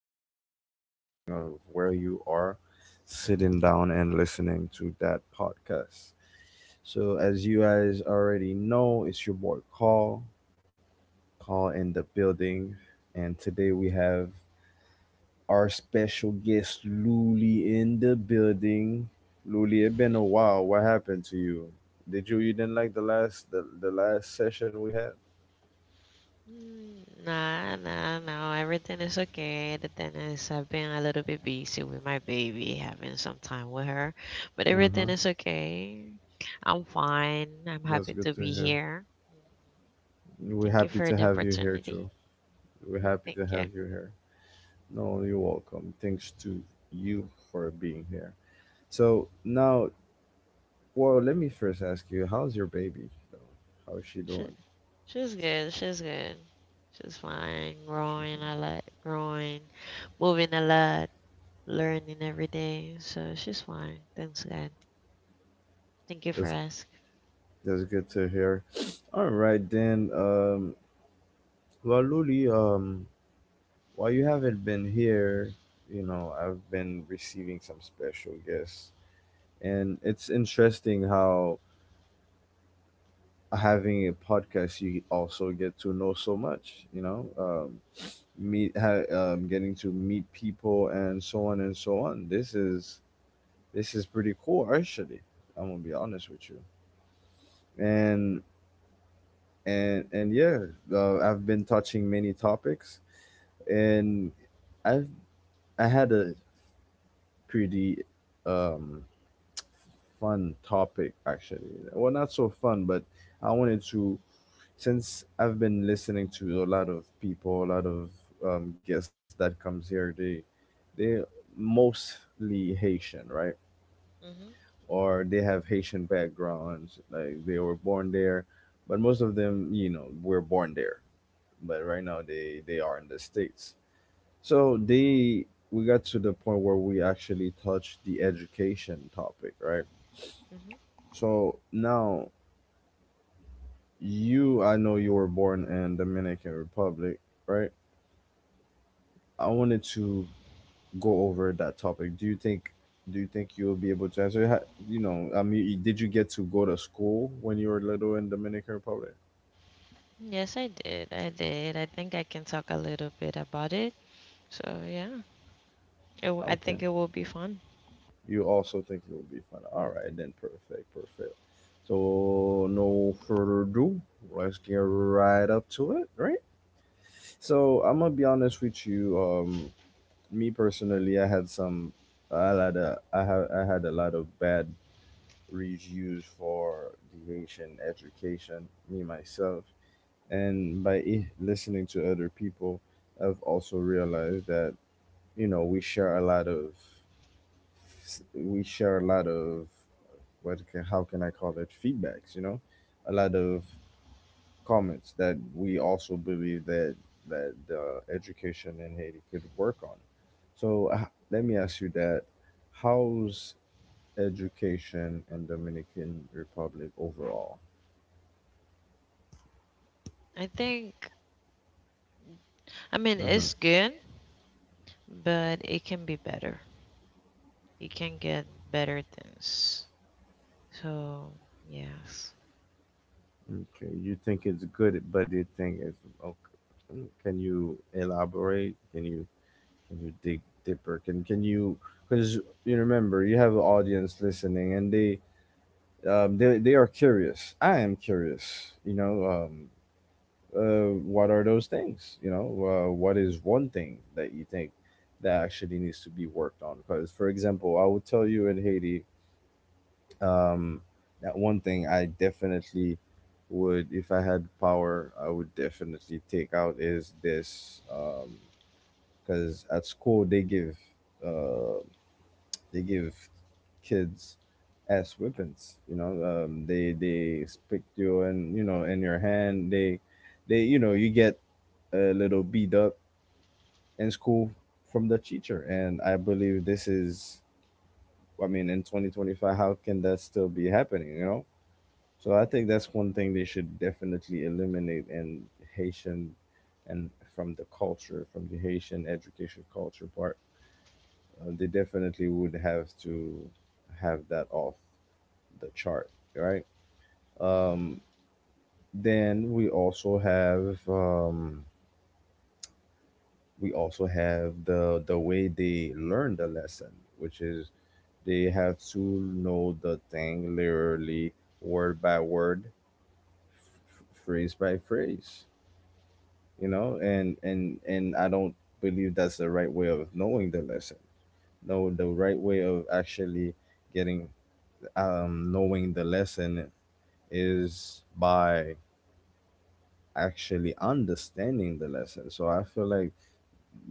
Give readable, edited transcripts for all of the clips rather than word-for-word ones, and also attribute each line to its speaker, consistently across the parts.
Speaker 1: good morning, depending on where you are sitting down and listening to that podcast. So, as you guys already know, it's your boy Call, Call in the building, and today we have our special guest Luli in the building. Luli, it's been a while. What happened to you? Did you didn't like the last session we had?
Speaker 2: Nah, nah, no. Everything is okay. The thing is, I've been a little bit busy with my baby, having some time with her, but
Speaker 1: Mm-hmm.
Speaker 2: everything is okay. I'm fine. I'm
Speaker 1: That's
Speaker 2: happy
Speaker 1: good
Speaker 2: to
Speaker 1: to
Speaker 2: be
Speaker 1: hear.
Speaker 2: here.
Speaker 1: We're
Speaker 2: Thank you
Speaker 1: happy
Speaker 2: for
Speaker 1: to
Speaker 2: the
Speaker 1: have you here too.
Speaker 2: opportunity.
Speaker 1: We're
Speaker 2: Mhm,
Speaker 1: happy to
Speaker 2: thank you.
Speaker 1: have you here. No, you're welcome. Thanks to you for being here. So now, well, let me first ask you, how's your baby? So, how is she
Speaker 2: She,
Speaker 1: doing?
Speaker 2: she's good. She's good. She's fine.
Speaker 1: She's
Speaker 2: Growing
Speaker 1: doing-
Speaker 2: a lot. Growing, moving a lot, learning every day. So she's fine. Thanks, God. Thank you for
Speaker 1: That's
Speaker 2: asking.
Speaker 1: that's good to hear. All right then. Well, Luli, while you haven't been here, I've been receiving some special guests, and it's interesting how having a podcast, you also get to know so much, meet, getting to meet people and so on and so on. This is pretty cool, actually. I'm gonna be honest with you. And, and yeah, I've been touching many topics and I've, I had a pretty, um, fun topic, actually. Well, not so fun, but I wanted to, since I've been listening to a lot of people, a lot of guests that comes here, they mostly Haitian, right?
Speaker 2: Hmm.
Speaker 1: Or they have Haitian backgrounds, like they were born there, but most of them, were born there. But right now they are in the States. So they we got to the point where we actually touched the education topic, right?
Speaker 2: Hmm.
Speaker 1: So now you I know you were born in Dominican Republic, right? I wanted to go over that topic. Do you think you'll be able to answer? I mean, did you get to go to school when you were little in Dominican Republic?
Speaker 2: Yes, I did. I did. I think I can talk a little bit about it. So yeah, I
Speaker 1: Okay.
Speaker 2: think it will be fun.
Speaker 1: You also think you'll be fine. All right, then perfect, perfect. So no further ado, let's get right up to it, right? So I'm gonna be honest with you. Me personally, I had some, I had a lot of bad reach used for deviation, education, me myself. And by listening to other people, I've also realized that, we share a lot of, we share a lot of, what can, how can I call it, feedbacks, a lot of comments that we also believe that, that education in Haiti could work on. So let me ask you that. How's education in Dominican Republic overall?
Speaker 2: I think, I mean,
Speaker 1: Hmm.
Speaker 2: it's good, but it can be better. You can get better things. So yes.
Speaker 1: Okay. You think it's good, but you think it's okay. Can you elaborate? Can you dig deeper? Can you because you remember you have an audience listening, and they are curious. I am curious. What are those things? What is one thing that you think that actually needs to be worked on? Because, for example, I would tell you in Haiti. um that one thing I definitely would if I had power I would definitely take out is this. Because at school they give, uh they give kids as weapons, they stick you, and in your hand they they you get a little beat up in school from the teacher. And I believe this, is I mean in 2025, how can that still be happening, So I think that's one thing they should definitely eliminate in Haitian, and from the culture, from the Haitian education culture part. They definitely would have to have that off the chart, right?
Speaker 2: Hmm.
Speaker 1: Um, then we also have the way they learn the lesson, which is they have to know the thing literally word by word, phrase by phrase, and I don't believe that's the right way of knowing the lesson. No, the right way of actually getting knowing the lesson is by actually understanding the lesson. So I feel like,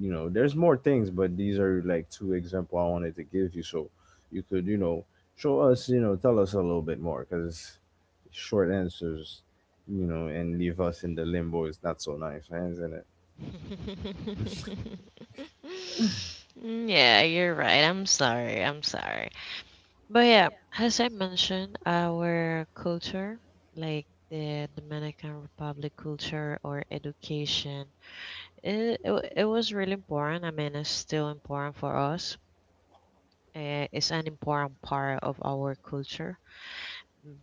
Speaker 1: there's more things, but these are like two example I wanted to give you, so you could, show us, tell us a little bit more, because short answers, and leave us in the limbo is not so nice, eh, isn't it?
Speaker 2: Yeah, you're right. I'm sorry. I'm sorry. But yeah, as I mentioned, our culture, like the Dominican Republic culture or education. It was really important. I mean, it's still important for us. It's an important part of our culture.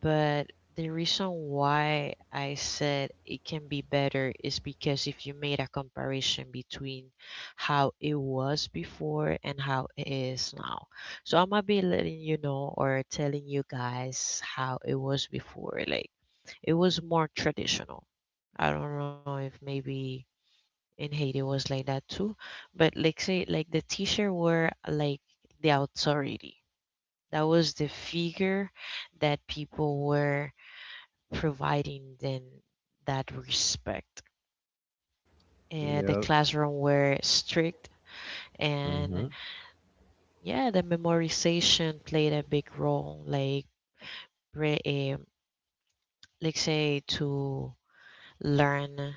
Speaker 2: But the reason why I said it can be better is because if you made a comparison between how it was before and how it is now. So I'm gonna be letting you know or telling you guys how it was before. Like, it was more traditional. I don't know if maybe in Haiti was like that too. But like say, like the teacher were like the authority. That was the figure that people were providing them that respect. And the
Speaker 1: Yeah.
Speaker 2: classroom were strict,
Speaker 1: Mm-hmm.
Speaker 2: and yeah, the memorization played a big role. Re- um, like say, to learn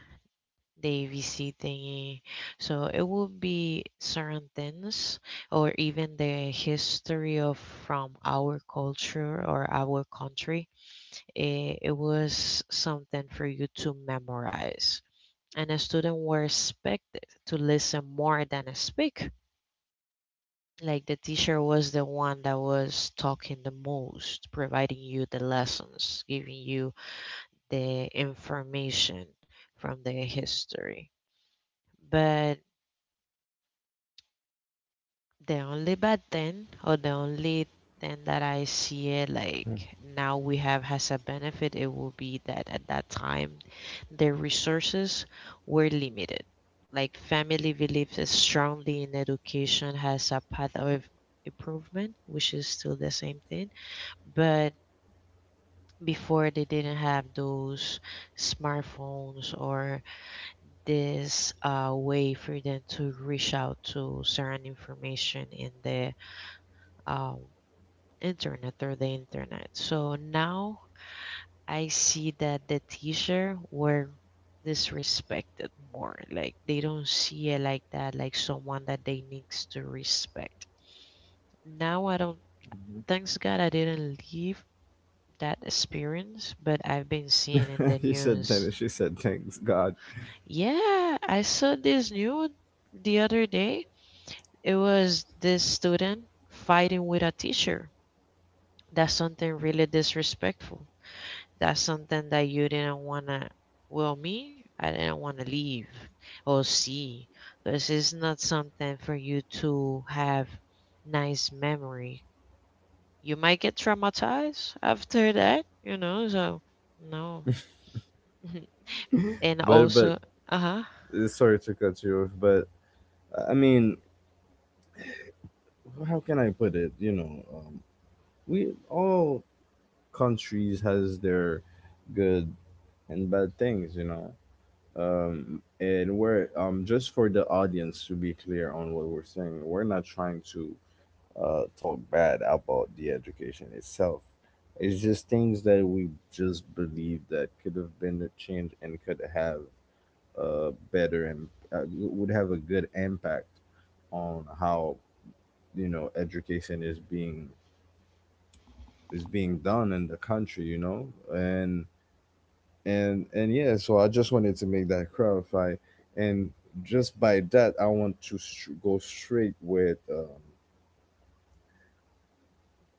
Speaker 2: DVC thingy. So it would be certain things or even the history of from our culture or our country. It was something for you to memorize. And the student were expected to listen more than speak. Like the teacher was the one that was talking the most, providing you the lessons, giving you the information from the history. But the only bad thing, or the only thing that I see it like now we have has a benefit, it will be that at that time the resources were limited. Like family believes strongly in education has a path of improvement, which is still the same thing. But before they didn't have those smartphones or this way for them to reach out to certain information in the um, internet or the internet. So now I see that the teacher were disrespected more. Like they don't see it like that, like someone that they needs to respect. Now, I don't thanks God, I didn't leave that experience, but I've been seeing in the
Speaker 1: He said
Speaker 2: news.
Speaker 1: tennis. She said thanks God.
Speaker 2: Yeah, I saw this news the other day. It was this student fighting with a teacher. That's something really disrespectful. That's something that you didn't want to, well, me, I didn't want to leave or see because it's not something for you to have nice memory. You might get traumatized after that, so no. And
Speaker 1: But but
Speaker 2: also, uh-huh.
Speaker 1: uh, sorry to cut you off. But I mean, how can I put it? We all countries has their good and bad things. And we're just for the audience to be clear on what we're saying. We're not trying to talk bad about the education itself. It's just things that we just believe that could have been a change, and could have, better, and would have a good impact on how, education is being, is being done in the country, and yeah. So I just wanted to make that clarify. And just by that, I want to str go straight with,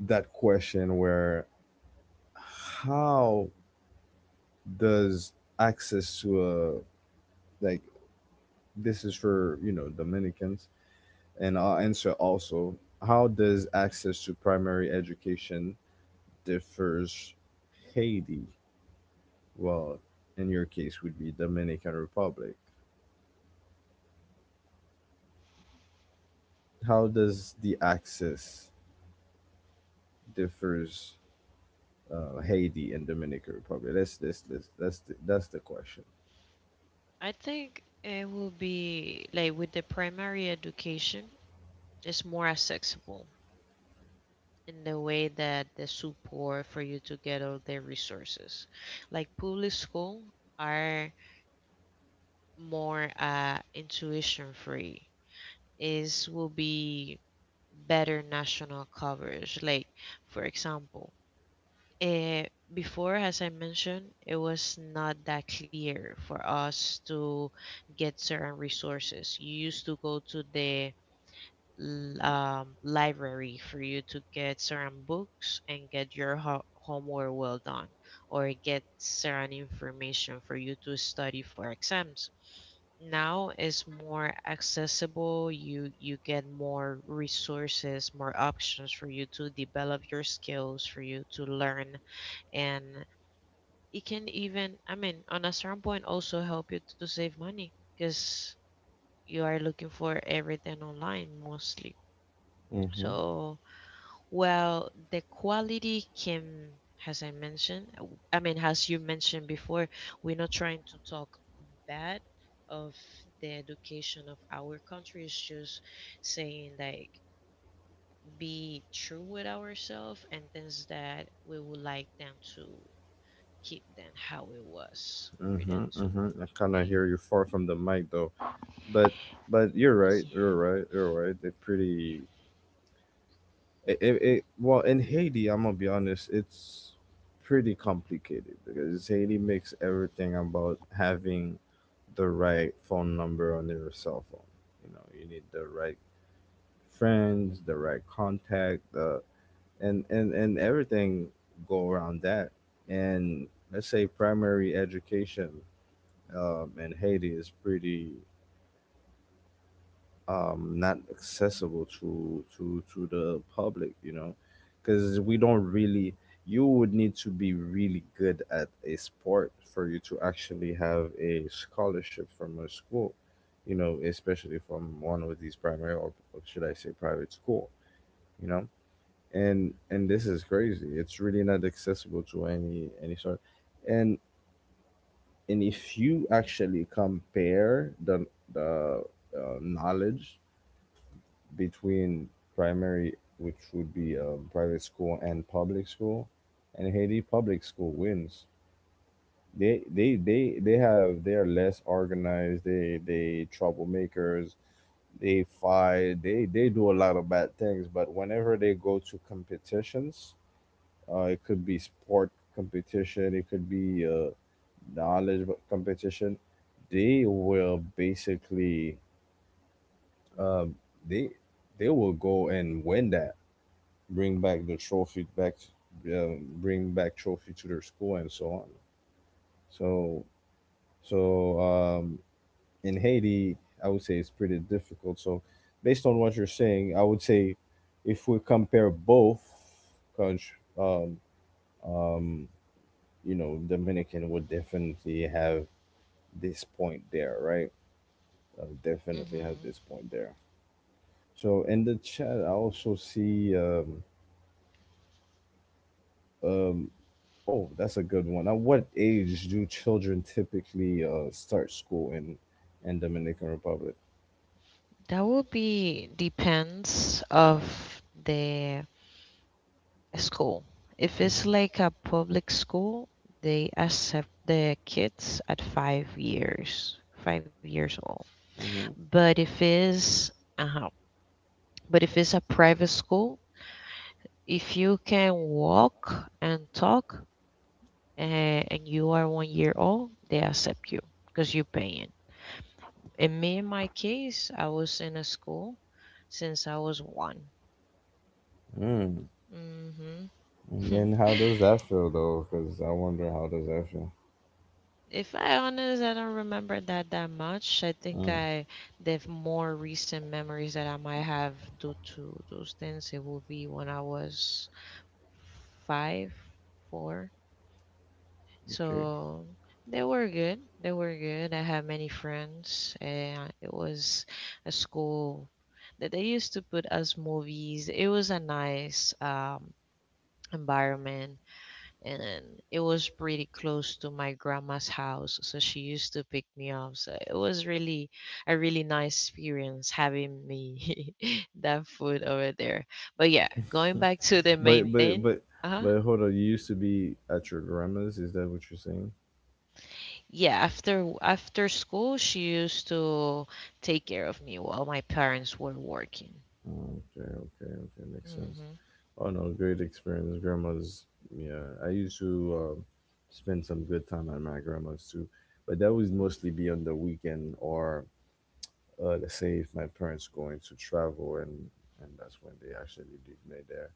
Speaker 1: that question where, how does access to a, like, this is for, Dominicans. And I'll answer also, how does access to primary education differs Haiti? Well, in your case would be Dominican Republic. How does the access differs, Haiti and Dominican Republic? That's this that's the question.
Speaker 2: I think it will be like with the primary education, it's more accessible in the way that the support for you to get all their resources. Like public school are more intuition free. Is will be better national coverage. Like for example, eh, before, as I mentioned, it was not that clear for us to get certain resources. You used to go to the library for you to get certain books and get your homework well done, or get certain information for you to study for exams. Now it's more accessible. You get more resources, more options for you to develop your skills, for you to learn. And it can even, I mean, on a certain point, also help you to save money, because you are looking for everything online mostly.
Speaker 1: Mm-hmm.
Speaker 2: So, well, the quality can, as I mentioned, I mean, as you mentioned before, we're not trying to talk bad of the education of our country. It's just saying, like, be true with ourselves and things that we would like them to keep them how it was for
Speaker 1: Mm-hmm,
Speaker 2: them to
Speaker 1: mm-hmm. I kind of
Speaker 2: be.
Speaker 1: hear you far from the mic, though, but but you're right,
Speaker 2: Yeah.
Speaker 1: you're right, you're right. They're pretty, it well in Haiti, I'm gonna be honest, it's pretty complicated, because Haiti makes everything about having the right phone number on your cell phone. You know, you need the right friends, the right contact, the and everything go around that. And let's say primary education, in Haiti is pretty, not accessible to to the public, because we don't really you would need to be really good at a sport for you to actually have a scholarship from a school, especially from one of these primary, or should I say private school, you know and this is crazy, it's really not accessible to any sort. And and if you actually compare the, the knowledge between primary, which would be, private school and public school, and Haiti public school wins. They are less organized. They troublemakers. They fight. They do a lot of bad things. But whenever they go to competitions, it could be sport competition. It could be, knowledge competition. They will basically, um, they they will go and win that, bring back the trophy back uh, bring back trophy to their school, and so on. So so um, in Haiti, I would say it's pretty difficult. So based on what you're saying, I would say if we compare both countries, um, um, Dominican would definitely have this point there, right? Definitely have
Speaker 2: Hmm.
Speaker 1: this point there. So in the chat I also see, um, oh, that's a good one. At what age do children typically start school in, Dominican Republic?
Speaker 2: That would be depends of the school. If it's like a public school, they accept the kids at 5 years old. But if it's Uh-huh. But if it's a private school, if you can walk and talk and you are 1 year old, they accept you because you're paying. In my case, I was in a school since I was one.
Speaker 1: Mm.
Speaker 2: Hmm.
Speaker 1: And how does that feel, though? Because I wonder how does that feel.
Speaker 2: If I honest, I don't remember that that much. I think
Speaker 1: Mm.
Speaker 2: I The more recent memories that I might have due to those things, it will be when I was five, four.
Speaker 1: Okay.
Speaker 2: So they were good. They were good. I had many friends, and it was a school that they used to put us movies. It was a nice environment, and it was pretty close to my grandma's house, so she used to pick me up. So it was really a really nice experience having me that food over there. But yeah, going back to the
Speaker 1: But
Speaker 2: main
Speaker 1: but
Speaker 2: thing.
Speaker 1: but
Speaker 2: Uh-huh.
Speaker 1: but hold on. You used to be at your grandma's. Is that what you're saying?
Speaker 2: Yeah, after school she used to take care of me while my parents were working.
Speaker 1: Oh, okay, okay, okay. Makes sense.
Speaker 2: Mm-hmm.
Speaker 1: Oh no, great experience. Grandma's. Yeah, I used to spend some good time at my grandma's too, but that was mostly be on the weekend, or let's say if my parents going to travel, and that's when they actually leave me there.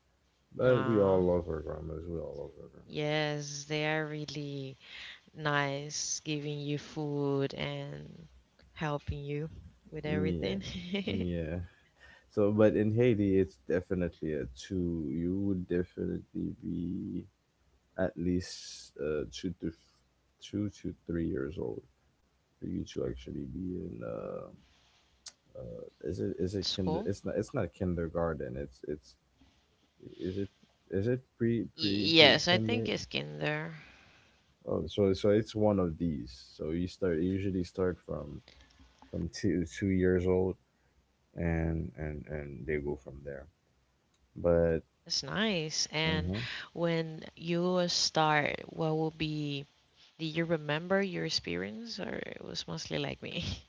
Speaker 1: But we
Speaker 2: Aw,
Speaker 1: all love our grandmas. We all love our grandmas.
Speaker 2: yes, they are really nice, giving you food and helping you with
Speaker 1: Mm, yeah,
Speaker 2: everything.
Speaker 1: mm, yeah. So, but in Haiti, it's definitely a two. You would definitely be at least, two to three years old for you to actually be in. Is it is it kinder?
Speaker 2: School?
Speaker 1: It's not. It's not kindergarten. It's it's. Is it is it pre, pre pre
Speaker 2: Yes, I think
Speaker 1: kinder?
Speaker 2: it's kinder.
Speaker 1: Oh, so it's one of these. So you usually start from, two years old, and and they go from there. But
Speaker 2: It's nice. And
Speaker 1: Uh-huh.
Speaker 2: when you start, what will be? Do you remember your experience, or it was mostly like me?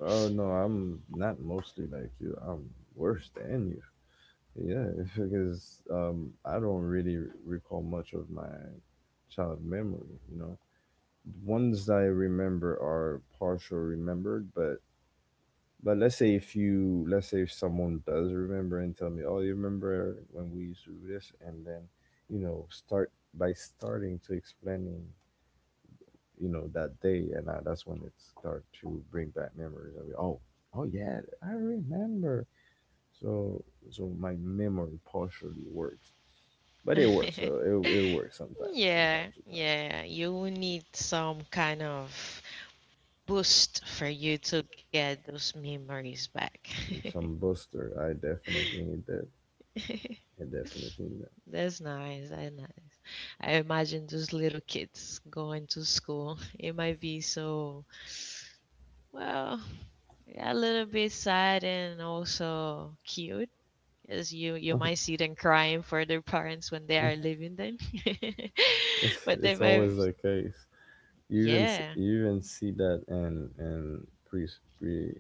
Speaker 1: Oh no, I'm not mostly like you. I'm worse than you. Yeah, because I don't really recall much of my child memory. The ones I remember are partial remembered, but. Let's say if, you, let's say if someone does remember and tell me, oh, you remember when we used to do this, and then, start by starting to explaining, that day, that's when it start to bring back memories. I mean, oh yeah, I remember. So, so, my memory partially works, but it works though. It works sometimes from time
Speaker 2: Yeah,
Speaker 1: to time.
Speaker 2: yeah, you will need some kind of boost for you to get those memories back.
Speaker 1: And some booster, I definitely need that. I definitely need that.
Speaker 2: That's nice. I know. I imagine those little kids going to school. It might be so, well, yeah, a little bit sad and also cute. You
Speaker 1: Uh huh.
Speaker 2: might see them crying for their parents when they are leaving them. But they
Speaker 1: It's
Speaker 2: might,
Speaker 1: always the case.
Speaker 2: yeah.
Speaker 1: You even see that in pre pre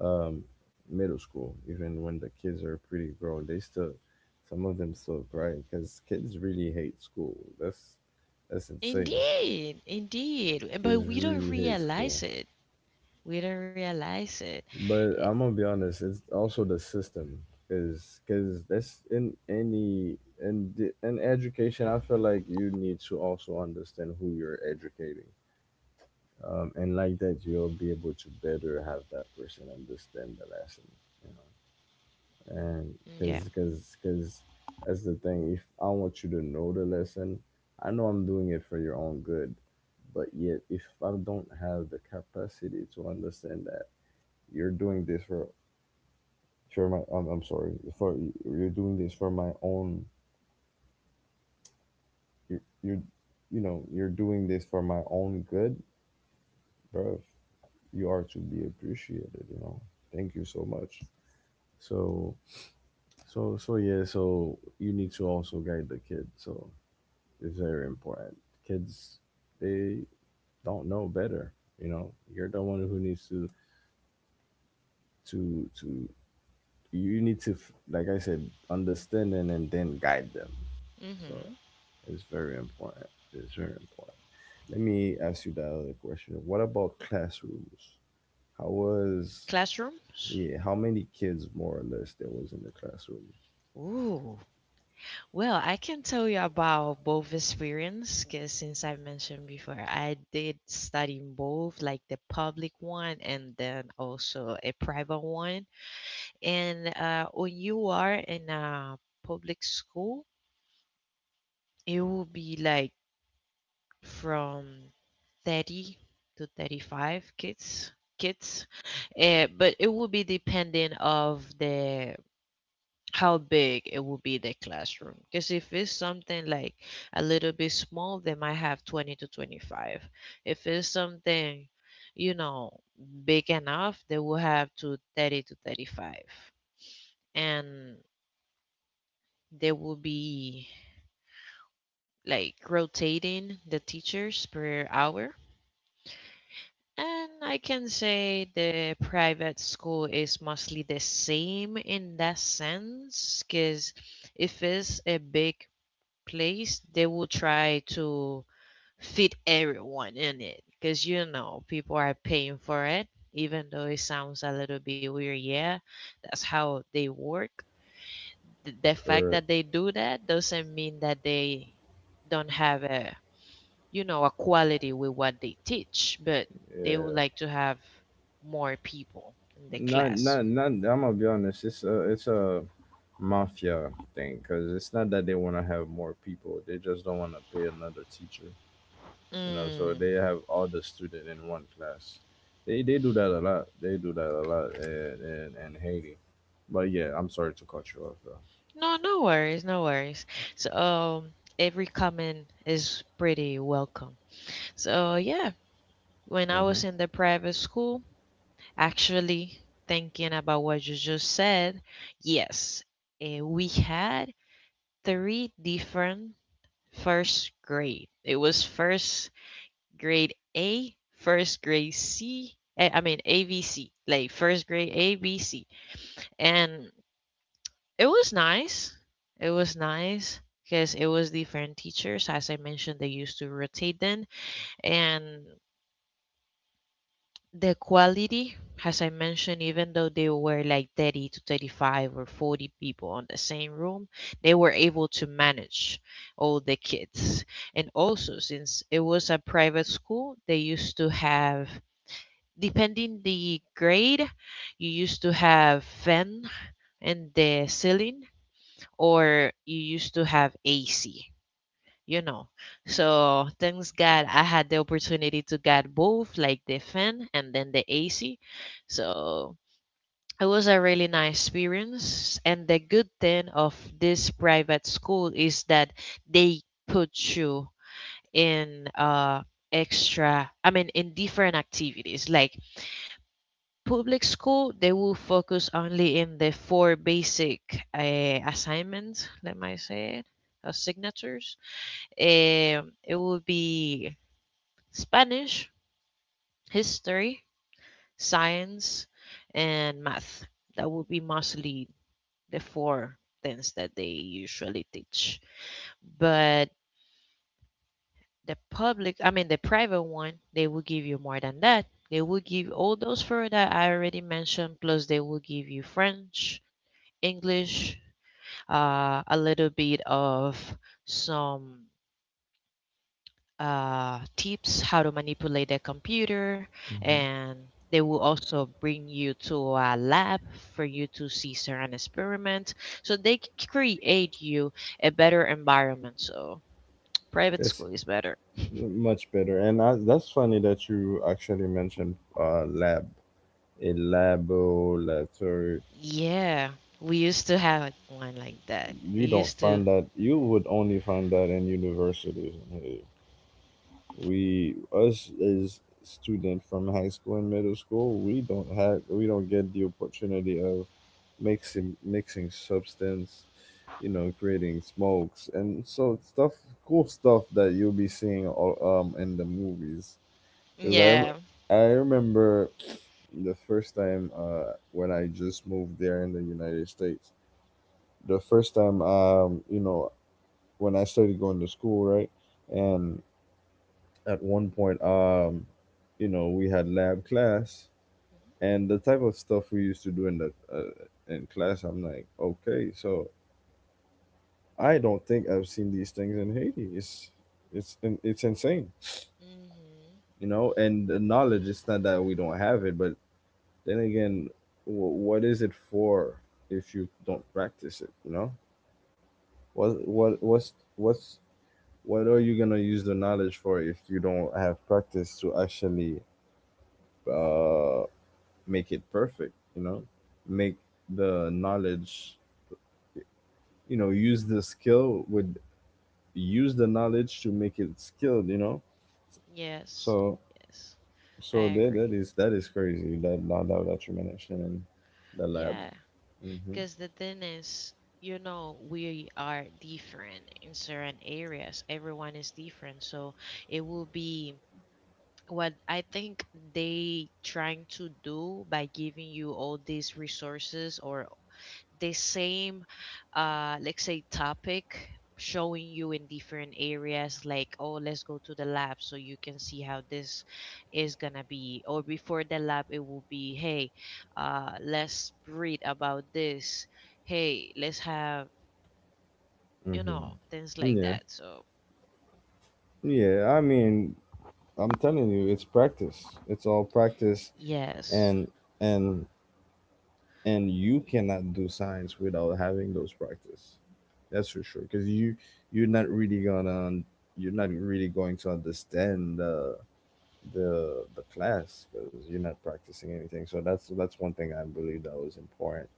Speaker 1: um middle school. Even when the kids are pretty grown, they still some of them still cry because kids really hate school. That's insane.
Speaker 2: Indeed, indeed. But
Speaker 1: Kids
Speaker 2: we don't
Speaker 1: really hate school.
Speaker 2: realize it. We don't realize it. Eh,
Speaker 1: But I'm gonna be honest, it's also the system, is because that's in any, in education. I feel like you need to also understand who you're educating, and like that, you'll be able to better have that person understand the lesson, you know. And
Speaker 2: Yeah.
Speaker 1: because because because that's the thing. If I want you to know the lesson, I know I'm doing it for your own good, but yet if I don't have the capacity to understand that you're doing this for my, I'm sorry, for you're doing this for my own, you're, you're you know you're doing this for my own good, bro, you are to be appreciated, you know, thank you so much. So so so yeah, so you need to also guide the kid, so it's very important. Kids, they don't know better. You know, you're the one who needs to you need to f- like I said, understand, and then guide them. So
Speaker 2: Hmm.
Speaker 1: it's very important, it's very important. Let me ask you that other question. What about classrooms? How was...
Speaker 2: Classrooms?
Speaker 1: Yeah, how many kids, more or less, there was in the classroom?
Speaker 2: Ooh, well, I can tell you about both experience because since I mentioned before, I did study in both, like the public one and then also a private one. And when you are in a public school, it will be like from 30 to 35 kids, but it will be depending of the how big it will be the classroom, because if it's something like a little bit small, they might have 20 to 25. If it's something, you know, big enough, they will have to 30 to 35. And they will be like rotating the teachers per hour. And I can say the private school is mostly the same in that sense, because if it's a big place, they will try to fit everyone in it, because you know people are paying for it. Even though it sounds a little bit weird, yeah, that's how they work. The fact
Speaker 1: Correct.
Speaker 2: that they do that doesn't mean that they don't have a you know a quality with what they teach, but they would
Speaker 1: Yeah.
Speaker 2: like to have more people in the
Speaker 1: Not
Speaker 2: class.
Speaker 1: not not. I'm gonna be honest. It's a mafia thing, because it's not that they want to have more people. They just don't want to pay another teacher. You know, so
Speaker 2: Mm.
Speaker 1: they have all the student in one class. They do that a lot, they do that a lot in, in Haiti. But yeah, I'm sorry to cut you off though.
Speaker 2: No, no worries, no worries. So every comment is pretty welcome. So, yeah, when I
Speaker 1: Hmm.
Speaker 2: was in the private school, actually thinking about what you just said, yes, we had three different first grade. It was first grade A, first grade C, I mean ABC, like first grade ABC. And it was nice. It was nice because it was different teachers. As I mentioned, they used to rotate then. And the quality, as I mentioned, even though they were like 30 to 35 or 40 people on the same room, they were able to manage all the kids. And also, since it was a private school, they used to have, depending the grade, you used to have fan in the ceiling, or you used to have AC, you know. So thanks God I had the opportunity to get both, like the fan and then the AC. So it was a really nice experience, and the good thing of this private school is that they put you in extra, I mean, in different activities. Like public school, they will focus only in the four basic assignments, let me say it, signatures. It will be Spanish, history, science, and math. That would be mostly the four things that they usually teach. But the public, I mean, the private one, they will give you more than that. They will give all those four that I already mentioned, plus they will give you French, English, a little bit of some tips how to manipulate the computer, and they will also bring you to a lab for you to see certain experiments. So they create you a better environment. So private
Speaker 1: It's
Speaker 2: school is better.
Speaker 1: much better, and that's funny that you actually mentioned lab, a labo laboratory.
Speaker 2: Yeah, we used to have one like that. It
Speaker 1: You don't
Speaker 2: used to.
Speaker 1: find that. You would only find that in universities in Haiti. We, us as student from high school and middle school, we don't get the opportunity of mixing substance. You know, creating smokes and so stuff, cool stuff that you'll be seeing all, in the movies. Because
Speaker 2: Yeah.
Speaker 1: I remember the first time when I just moved there in the United States. The first time, you know, when I started going to school, right? And at one point, you know, we had lab class. And the type of stuff we used to do in the, in class, I'm like, okay, so I don't think I've seen these things in Haiti. It's insane.
Speaker 2: Mm-hmm.
Speaker 1: You know, and the knowledge, it's not that we don't have it, but then again, what is it for if you don't practice it, you know. What what's What are you gonna use the knowledge for if you don't have practice to actually uh make it perfect, you know. Make the knowledge, you know, use the skill with, use the knowledge to make it skilled, you know.
Speaker 2: Yes.
Speaker 1: so
Speaker 2: Yes. I
Speaker 1: that, that
Speaker 2: agree.
Speaker 1: is that is crazy, that, that you mentioned in the lab.
Speaker 2: Yeah.
Speaker 1: Hmm.
Speaker 2: Because the thing is, we are different in certain areas. Everyone is different. So it will be what I think they trying to do by giving you all these resources or the same let's say topic, showing you in different areas like, oh, let's go to the lab so you can see how this is gonna be. Or before the lab it will be, hey, let's read about this. Hey, let's have,
Speaker 1: Hmm.
Speaker 2: things like
Speaker 1: Yeah,
Speaker 2: that. So
Speaker 1: yeah. I mean, I'm telling you, it's practice. It's all practice,
Speaker 2: yes.
Speaker 1: and and and you cannot do science without having those practice. That's for sure. Because you're not really gonna, you're not really going to understand the, the class, because you're not practicing anything. So that's one thing I believe that was important.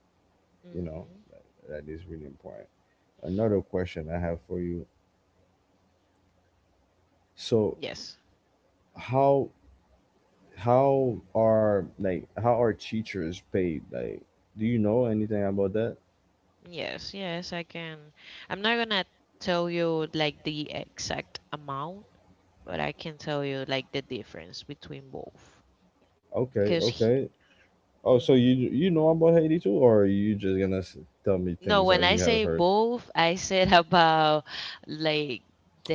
Speaker 1: You know,
Speaker 2: Mm-hmm.
Speaker 1: that is really important. Another question I have for you. So
Speaker 2: Yes,
Speaker 1: how how are teachers paid? Like, do you know anything about that?
Speaker 2: yes. Yes, I can. I'm not gonna tell you like the exact amount, but I can tell you like the difference between both.
Speaker 1: Okay,
Speaker 2: Because
Speaker 1: okay. Oh,
Speaker 2: hmm
Speaker 1: so you know
Speaker 2: hmm
Speaker 1: about Haiti too, or are you just gonna tell me
Speaker 2: no,
Speaker 1: things that
Speaker 2: when I
Speaker 1: you have
Speaker 2: say
Speaker 1: heard?
Speaker 2: both, I said about like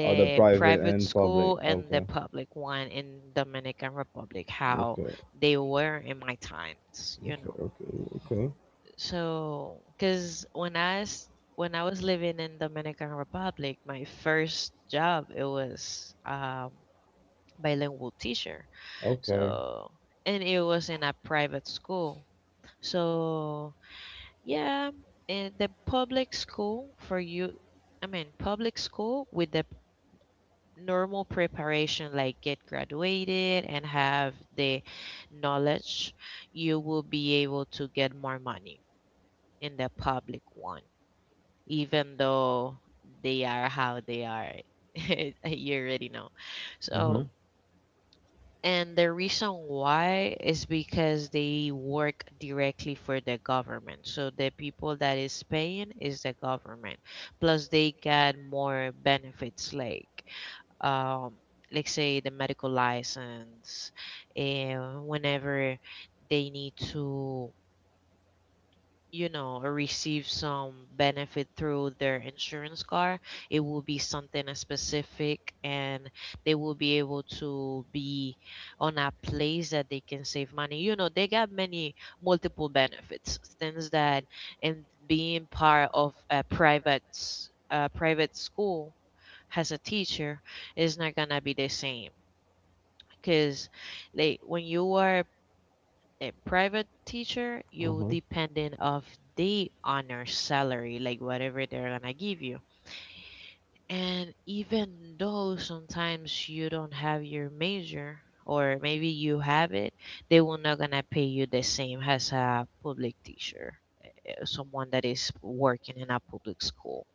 Speaker 1: Oh, the private
Speaker 2: private
Speaker 1: and public.
Speaker 2: school and the
Speaker 1: Okay.
Speaker 2: public one in Dominican Republic, how
Speaker 1: Okay.
Speaker 2: they were in my times, you
Speaker 1: Okay.
Speaker 2: know.
Speaker 1: Okay. Okay.
Speaker 2: So, because when when I was living in Dominican Republic, my first job, it was bilingual teacher.
Speaker 1: Okay.
Speaker 2: So, and it was in a private school. So, yeah, and the public school for you, I mean, public school with the normal preparation, like get graduated and have the knowledge, you will be able to get more money in the public one, even though they are how they are. You already know. So,
Speaker 1: Mhm.
Speaker 2: and the reason why is because they work directly for the government. So the people that is paying is the government. Plus they get more benefits um like say the medical license, and whenever they need to, or receive some benefit through their insurance card. It will be something as specific, and they will be able to be on a place that they can save money. You know, they got many multiple benefits, things that, and being part of a a private school has a teacher is not gonna be the same. Cause, like when you are a private teacher, you
Speaker 1: Mhm.
Speaker 2: dependent of the honor salary, like whatever they're gonna give you. And even though sometimes you don't have your major, or maybe you have it, they will not gonna pay you the same as a public teacher, someone that is working in a public school.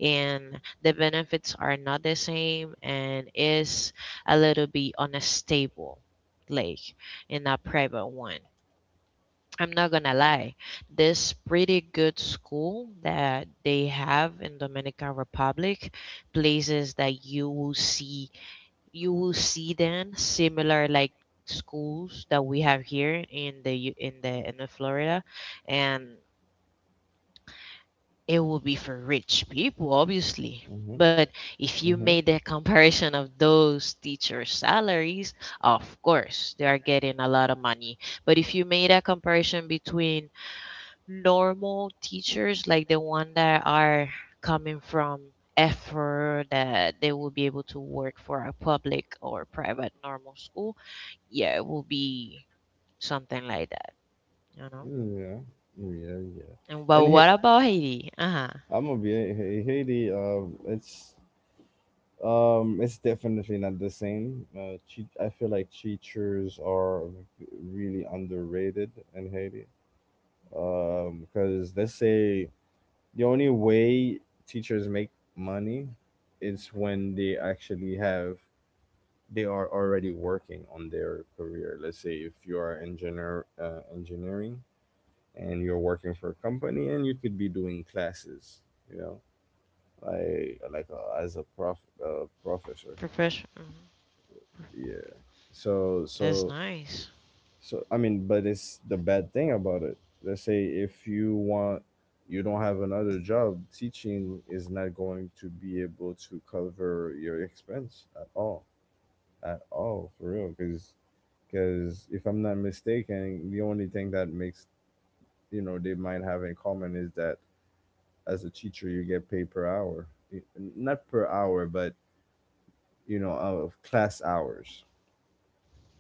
Speaker 2: And the benefits are not the same, and is a little bit unstable, like in a private one. I'm not gonna lie, this pretty good school that they have in Dominican Republic, places that you will see, you will see then similar like schools that we have here in in the Florida, and it will be for rich people obviously.
Speaker 1: Mhm.
Speaker 2: But if you made
Speaker 1: Mhm.
Speaker 2: the comparison of those teacher salaries, of course they are getting a lot of money. But if you made a comparison between normal teachers, like the one that are coming from effort, that they will be able to work for a public or private normal school, yeah, it will be something like that, you know.
Speaker 1: Yeah. Yeah. Yeah.
Speaker 2: And but
Speaker 1: And hey,
Speaker 2: what about Haiti? Uh huh.
Speaker 1: I'm gonna be hey, Haiti. It's, it's definitely not the same. I feel like teachers are really underrated in Haiti. Because let's say, the only way teachers make money is when they actually have they are already working on their career. Let's say if you are engineer, engineering, and you're working for a company, and you could be doing classes, you know, like, as a professor.
Speaker 2: Profession.
Speaker 1: Yeah. so
Speaker 2: That's
Speaker 1: so
Speaker 2: nice.
Speaker 1: So I mean, but it's the bad thing about it. Let's say if you want, you don't have another job. Teaching is not going to be able to cover your expense at all, for real. Because if I'm not mistaken, the only thing that makes, you know, they might have in common is that as a teacher you get paid per hour. Not per hour, but you know, of class hours.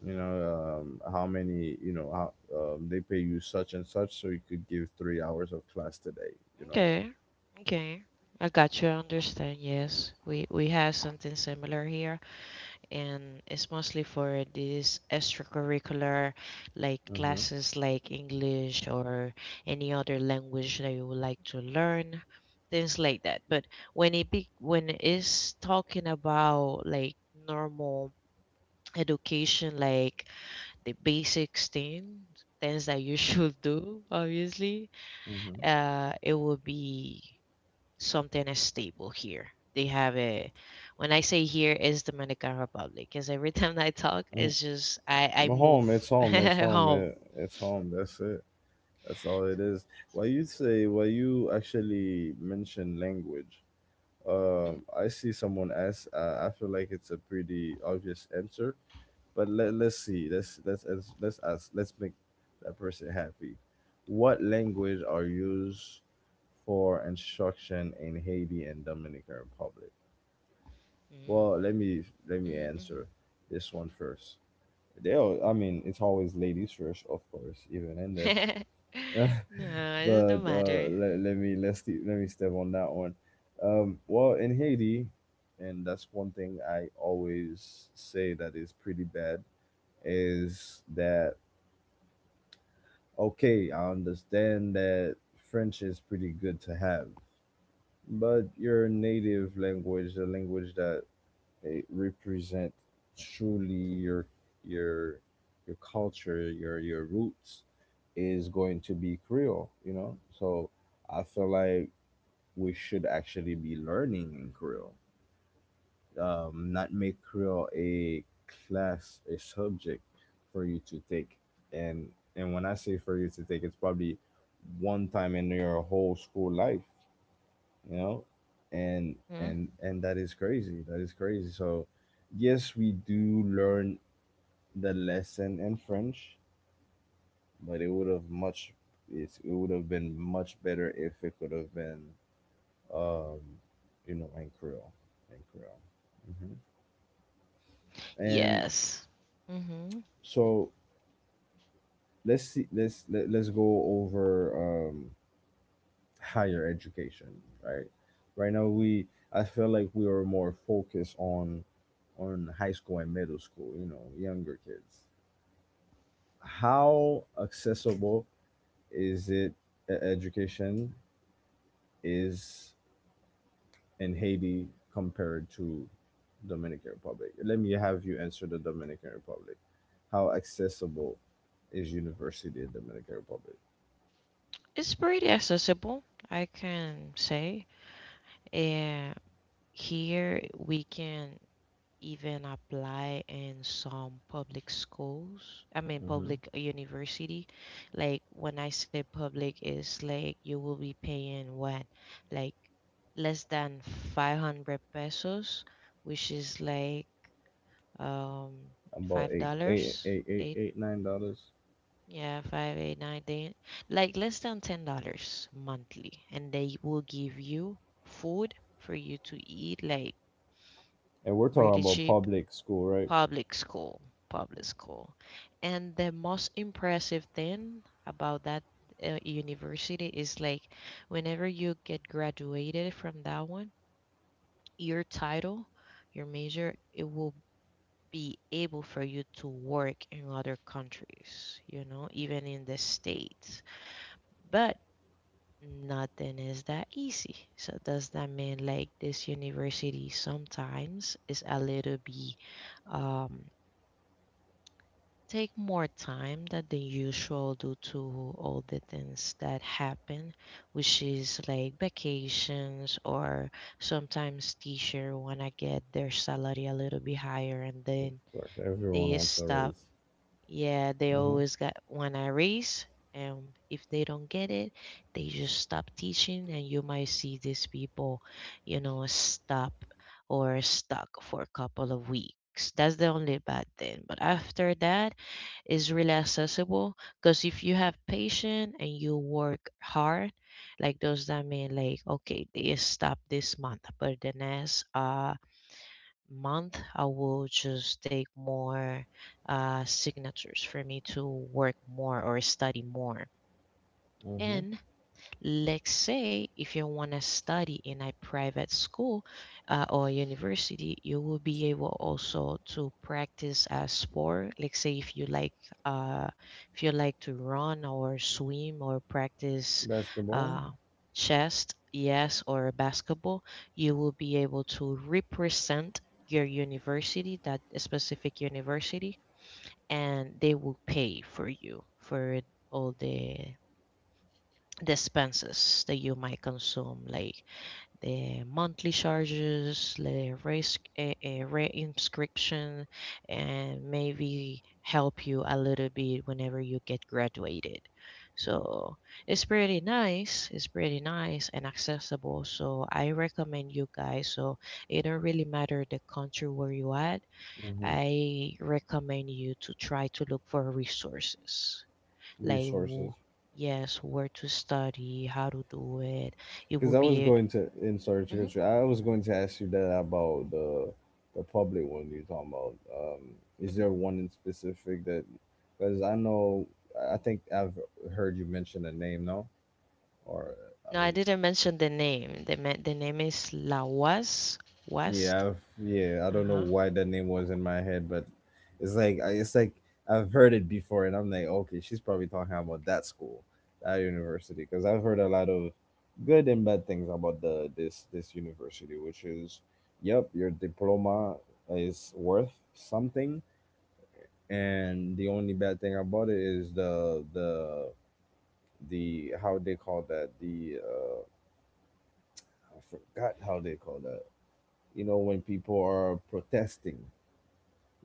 Speaker 1: You know, how many, you know, how, they pay you such and such so you could give 3 hours of class today, you know.
Speaker 2: Okay. Okay. I got you. I understand. Yes, we have something similar here, and it's mostly for these extracurricular like
Speaker 1: Mm-hmm,
Speaker 2: classes, like English or any other language that you would like to learn, things like that. But when it be when it's talking about like normal education, like the basics things, things that you should do, obviously, it would be something is stable here. They have a when I say here is Dominican Republic, because every time I talk
Speaker 1: mm-hmm. Mm.
Speaker 2: it's just I move
Speaker 1: Home, it's home, it's home.
Speaker 2: home.
Speaker 1: It's home, that's it. That's all it is. While you actually mention language, I see someone ask, I feel like it's a pretty obvious answer, but let's see, let's ask, let's make that person happy. What language are used for instruction in Haiti and Dominican Republic?
Speaker 2: Mm,
Speaker 1: Well, let me
Speaker 2: mhm,
Speaker 1: answer this one first. They all I mean, it's always ladies first, of course, even in that.
Speaker 2: mhm. No, it
Speaker 1: But
Speaker 2: doesn't matter.
Speaker 1: let me step on that one. Well, in Haiti, and that's one thing I always say that is pretty bad, is that, okay, I understand that French is pretty good to have, but your native language, the language that it represent truly your your your culture, your roots, is going to be Creole. You know, so I feel like we should actually be learning in Creole, not make Creole a class, a subject for you to take. And when I say for you to take, it's probably one time in your whole school life, you know, and
Speaker 2: Mhm.
Speaker 1: and and that is crazy. That is crazy. So yes, we do learn the lesson in French, but it would have been much better if it could have been, um, you know, in Creole, and
Speaker 2: Yes. Hmm.
Speaker 1: so let's see, let's go over, higher education. Right, right now we, I feel like we are more focused on high school and middle school, you know, younger kids. How accessible is it, education is, in Haiti compared to Dominican Republic? Let me have you answer the Dominican Republic. How accessible is university in Dominican Republic?
Speaker 2: It's pretty accessible, I can say. And here we can even apply in some public schools, I mean
Speaker 1: Mm-hmm.
Speaker 2: public university. Like when I say public is like you will be paying what, like less than 500 pesos, which is like um five
Speaker 1: About eight, eight,
Speaker 2: dollars
Speaker 1: eight, eight,
Speaker 2: eight,
Speaker 1: eight, $9.
Speaker 2: yeah, 5, 8, 9, 10 like less than $10 monthly, and they will give you food for you to eat like
Speaker 1: And we're talking
Speaker 2: really
Speaker 1: about
Speaker 2: cheap.
Speaker 1: public school, right?
Speaker 2: Public school, public school. And the most impressive thing about that university is like whenever you get graduated from that one, your title, your major, it will be able for you to work in other countries, you know, even in the States. But nothing is that easy. So does that mean like this university sometimes is a little bit um take more time than the usual due to all the things that happen, which is like vacations, or sometimes teacher wanna get their salary a little bit higher, and
Speaker 1: Of
Speaker 2: then
Speaker 1: course, everyone
Speaker 2: they
Speaker 1: wants a
Speaker 2: stop.
Speaker 1: raise.
Speaker 2: Yeah, they
Speaker 1: Mm-hmm.
Speaker 2: always got one a raise, and if they don't get it, they just stop teaching, and you might see these people, you know, stop or stuck for a couple of weeks. That's the only bad thing. But after that, it's really accessible, because if you have patience and you work hard, like those that mean like, okay, they stop this month, but the next month, I will just take more signatures for me to work more or study more.
Speaker 1: Mm-hmm.
Speaker 2: And let's say if you want to study in a private school or university, you will be able also to practice a sport. Let's say uh, if you like to run or swim or practice
Speaker 1: Basketball.
Speaker 2: uh, chess, yes, or basketball, you will be able to represent your university, that specific university, and they will pay for you for all the expenses that you might consume, like the monthly charges, the race re-inscription, and maybe help you a little bit whenever you get graduated. So it's pretty nice. It's pretty nice and accessible. So I recommend you guys. So it don't really matter the country where you at.
Speaker 1: Mm-hmm.
Speaker 2: I recommend you to try to look for resources like
Speaker 1: Resources.
Speaker 2: yes, where to study, how to do it, it
Speaker 1: Because
Speaker 2: will
Speaker 1: I was
Speaker 2: be.
Speaker 1: going to, in sorry to
Speaker 2: Hmm.
Speaker 1: cut you. I was going to ask you that about the public one you're talking about.
Speaker 2: Hmm.
Speaker 1: Is there one in specific that? Because I know, I think I've heard you mention a name, no? Or I
Speaker 2: No, I
Speaker 1: was...
Speaker 2: didn't mention the name. The the name is la was
Speaker 1: Yeah,
Speaker 2: west.
Speaker 1: yeah. I don't know
Speaker 2: Uh-huh.
Speaker 1: why that name was in my head, but it's like it's like I've heard it before, and I'm like, okay, she's probably talking about that school, that university, because I've heard a lot of good and bad things about the, this university, which is, yep, your diploma is worth something, and the only bad thing about it is the how they call that, the, I forgot how they call that. You know when people are protesting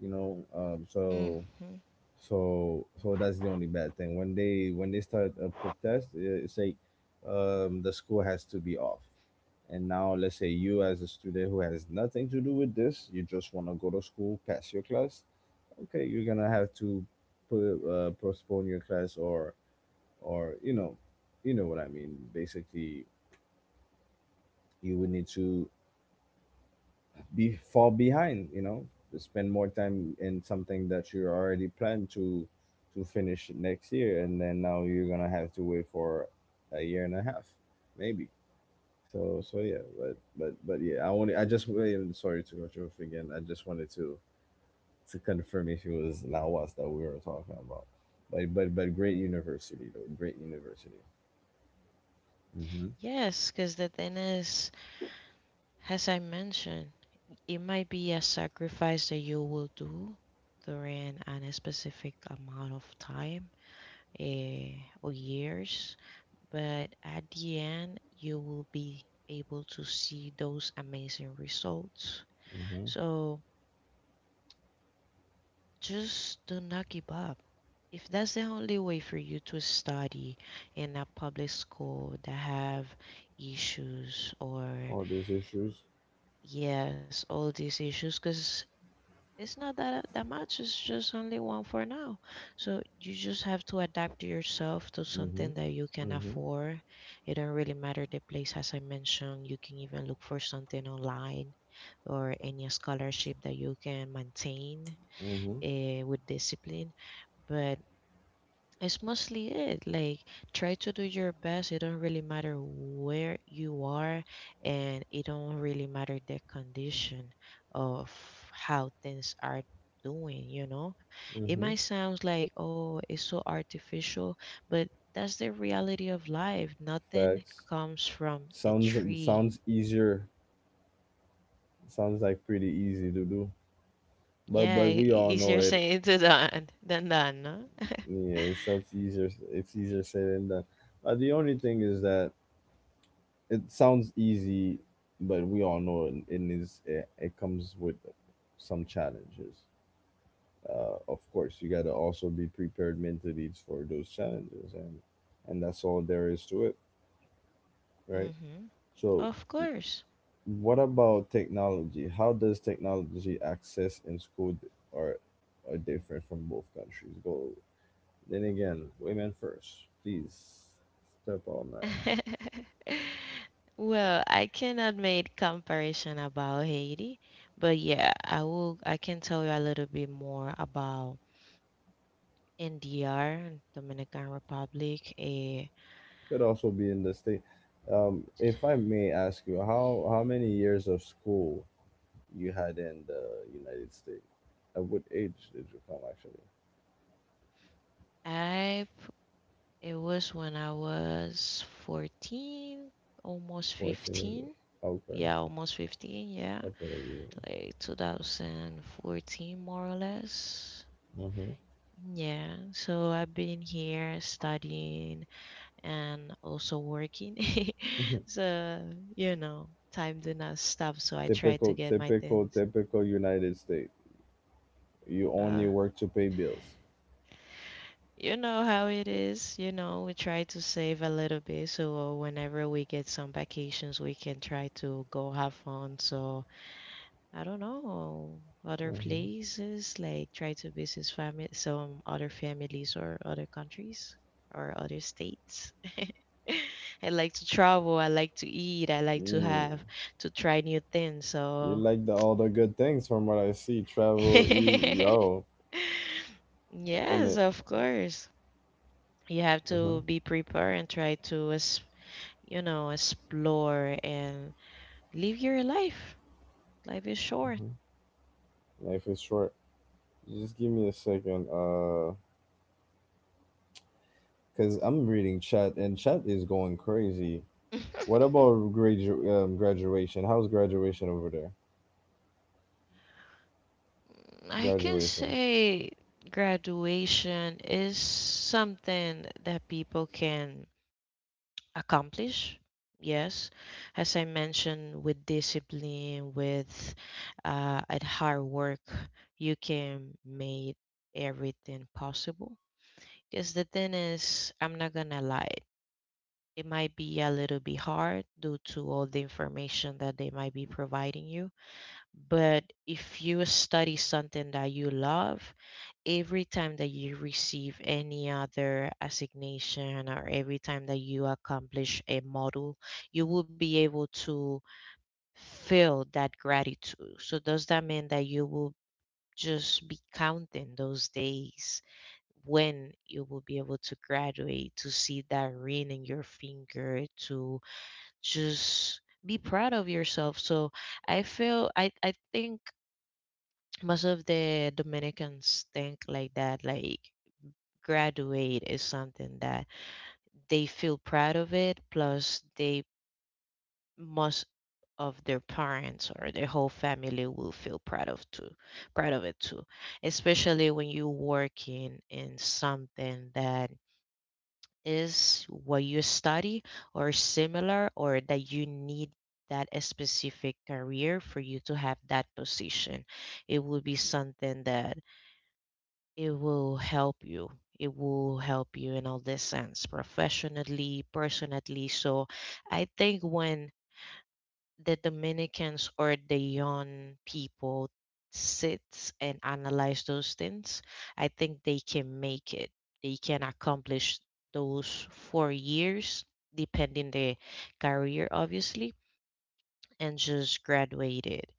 Speaker 1: you know um so
Speaker 2: Mm-hmm.
Speaker 1: so that's the only bad thing when they start a protest, say the school has to be off. And now let's say you as a student who has nothing to do with this, you just want to go to school, pass your class. Okay, you're gonna have to put, postpone your class, or you know what I mean basically you would need to be fall behind, to spend more time in something that you already planned to finish next year. And then now you're gonna have to wait for a year and a half, maybe. So yeah, but yeah, I just really sorry to cut you off again, I just wanted to confirm if it was Lawas that we were talking about. But great university though, great university. Mm-hmm.
Speaker 2: Yes, because the thing is, as I mentioned, it might be a sacrifice that you will do during an specific amount of time, eh, or years, but at the end, you will be able to see those amazing results.
Speaker 1: Mm-hmm.
Speaker 2: So just do not give up. If that's the only way for you to study in a public school that have issues,
Speaker 1: All
Speaker 2: or
Speaker 1: these issues.
Speaker 2: yes, all these issues, because it's not that that much. It's just only one for now. So you just have to adapt yourself to
Speaker 1: Mm-hmm.
Speaker 2: something that you can
Speaker 1: Mm-hmm.
Speaker 2: afford. It don't really matter the place, as I mentioned. You can even look for something online or any scholarship that you can maintain
Speaker 1: Mm-hmm.
Speaker 2: with discipline. But it's mostly it. Like, try to do your best. It don't really matter where you are, and it don't really matter the condition of how things are doing, you know? It
Speaker 1: Mm-hmm.
Speaker 2: might sound like, oh, it's so artificial, but that's the reality of life. Nothing
Speaker 1: Facts.
Speaker 2: comes from a
Speaker 1: Sounds
Speaker 2: tree.
Speaker 1: sounds easier. Sounds like pretty easy to do.
Speaker 2: Yeah,
Speaker 1: But we all know
Speaker 2: easier
Speaker 1: it.
Speaker 2: saying to that than done, no?
Speaker 1: Yeah, it sounds easier. It's easier said than done. The only thing is that it sounds easy, but we all know it, it comes with some challenges. Of course, you gotta also be prepared mentally for those challenges, and that's all there is to it, right?
Speaker 2: Mm-hmm.
Speaker 1: So
Speaker 2: Of course.
Speaker 1: what about technology? How does technology access in school are different from both countries? Go then again, women first, please, step on that.
Speaker 2: Well, I cannot make comparison about Haiti, but yeah, I can tell you a little bit more about NDR, Dominican Republic. Eh,
Speaker 1: Could also be in the state. If I may ask you, how many years of school you had in the United States? At what age did you come actually?
Speaker 2: I It was when I was 14, almost
Speaker 1: 14 years
Speaker 2: 15.
Speaker 1: old. Okay,
Speaker 2: Yeah, almost 15, yeah.
Speaker 1: couple of years.
Speaker 2: Like 2014 more or less.
Speaker 1: Mm-hmm.
Speaker 2: Yeah, so I've been here studying and also working. So, you know, time do not stop. So I try to
Speaker 1: Typical,
Speaker 2: get my
Speaker 1: typical,
Speaker 2: things.
Speaker 1: typical United States. You
Speaker 2: Uh,
Speaker 1: only work to pay bills.
Speaker 2: you know how it is. You know, we try to save a little bit. So whenever we get some vacations, we can try to go have fun. So I don't know, other
Speaker 1: Hmm.
Speaker 2: places, like try to visit family, some other families or other countries or other states. I like to travel. I like to eat. I like to have
Speaker 1: Mm.
Speaker 2: to try new things.
Speaker 1: You
Speaker 2: So,
Speaker 1: like the all the good things from what I see. Travel, eat,
Speaker 2: yes,
Speaker 1: yo, and it.
Speaker 2: of course, you have
Speaker 1: Hmm.
Speaker 2: to be prepared and try to, you know, explore and live your life. Life is short.
Speaker 1: Hmm. Life is short. Just give me a second. Cause I'm reading chat, and chat is going crazy. What about graduation? How's graduation over there?
Speaker 2: I can
Speaker 1: Graduation.
Speaker 2: say graduation is something that people can accomplish. Yes, as I mentioned, with discipline, with at hard work, you can make everything possible. Because the thing is, I'm not gonna lie, it might be a little bit hard due to all the information that they might be providing you, but if you study something that you love, every time that you receive any other assignation, or every time that you accomplish a model, you will be able to feel that gratitude. So, does that mean that you will just be counting those days when you will be able to graduate, to see that ring in your finger, to just be proud of yourself. So I feel I think most of the Dominicans think like that, like graduate is something that they feel proud of it, plus they most of their parents or their whole family will feel proud of too, proud of it too. Especially when you're working in something that is what you study or similar or that you need that specific career for you to have that position. It will be something that it will help you. It will help you in all this sense, professionally, personally. So I think when the Dominicans or the young people sits and analyze those things, I think they can make it. They can accomplish those 4 years, depending the career, obviously, and just graduate it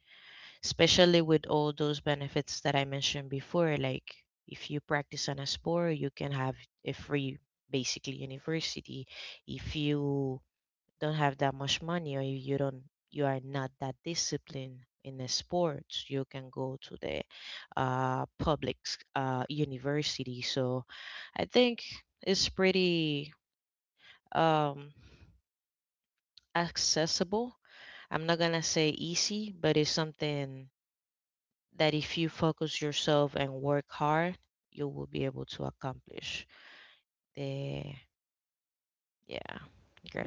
Speaker 2: especially with all those benefits that I mentioned before. Like if you practice on a sport, you can have a free, basically, university. If you don't have that much money or you don't, you are not that disciplined in a sport, you can go to the public university. So I think it's pretty um, accessible. I'm not gonna say easy, but it's something that if you focus yourself and work hard, you will be able to accomplish the yeah,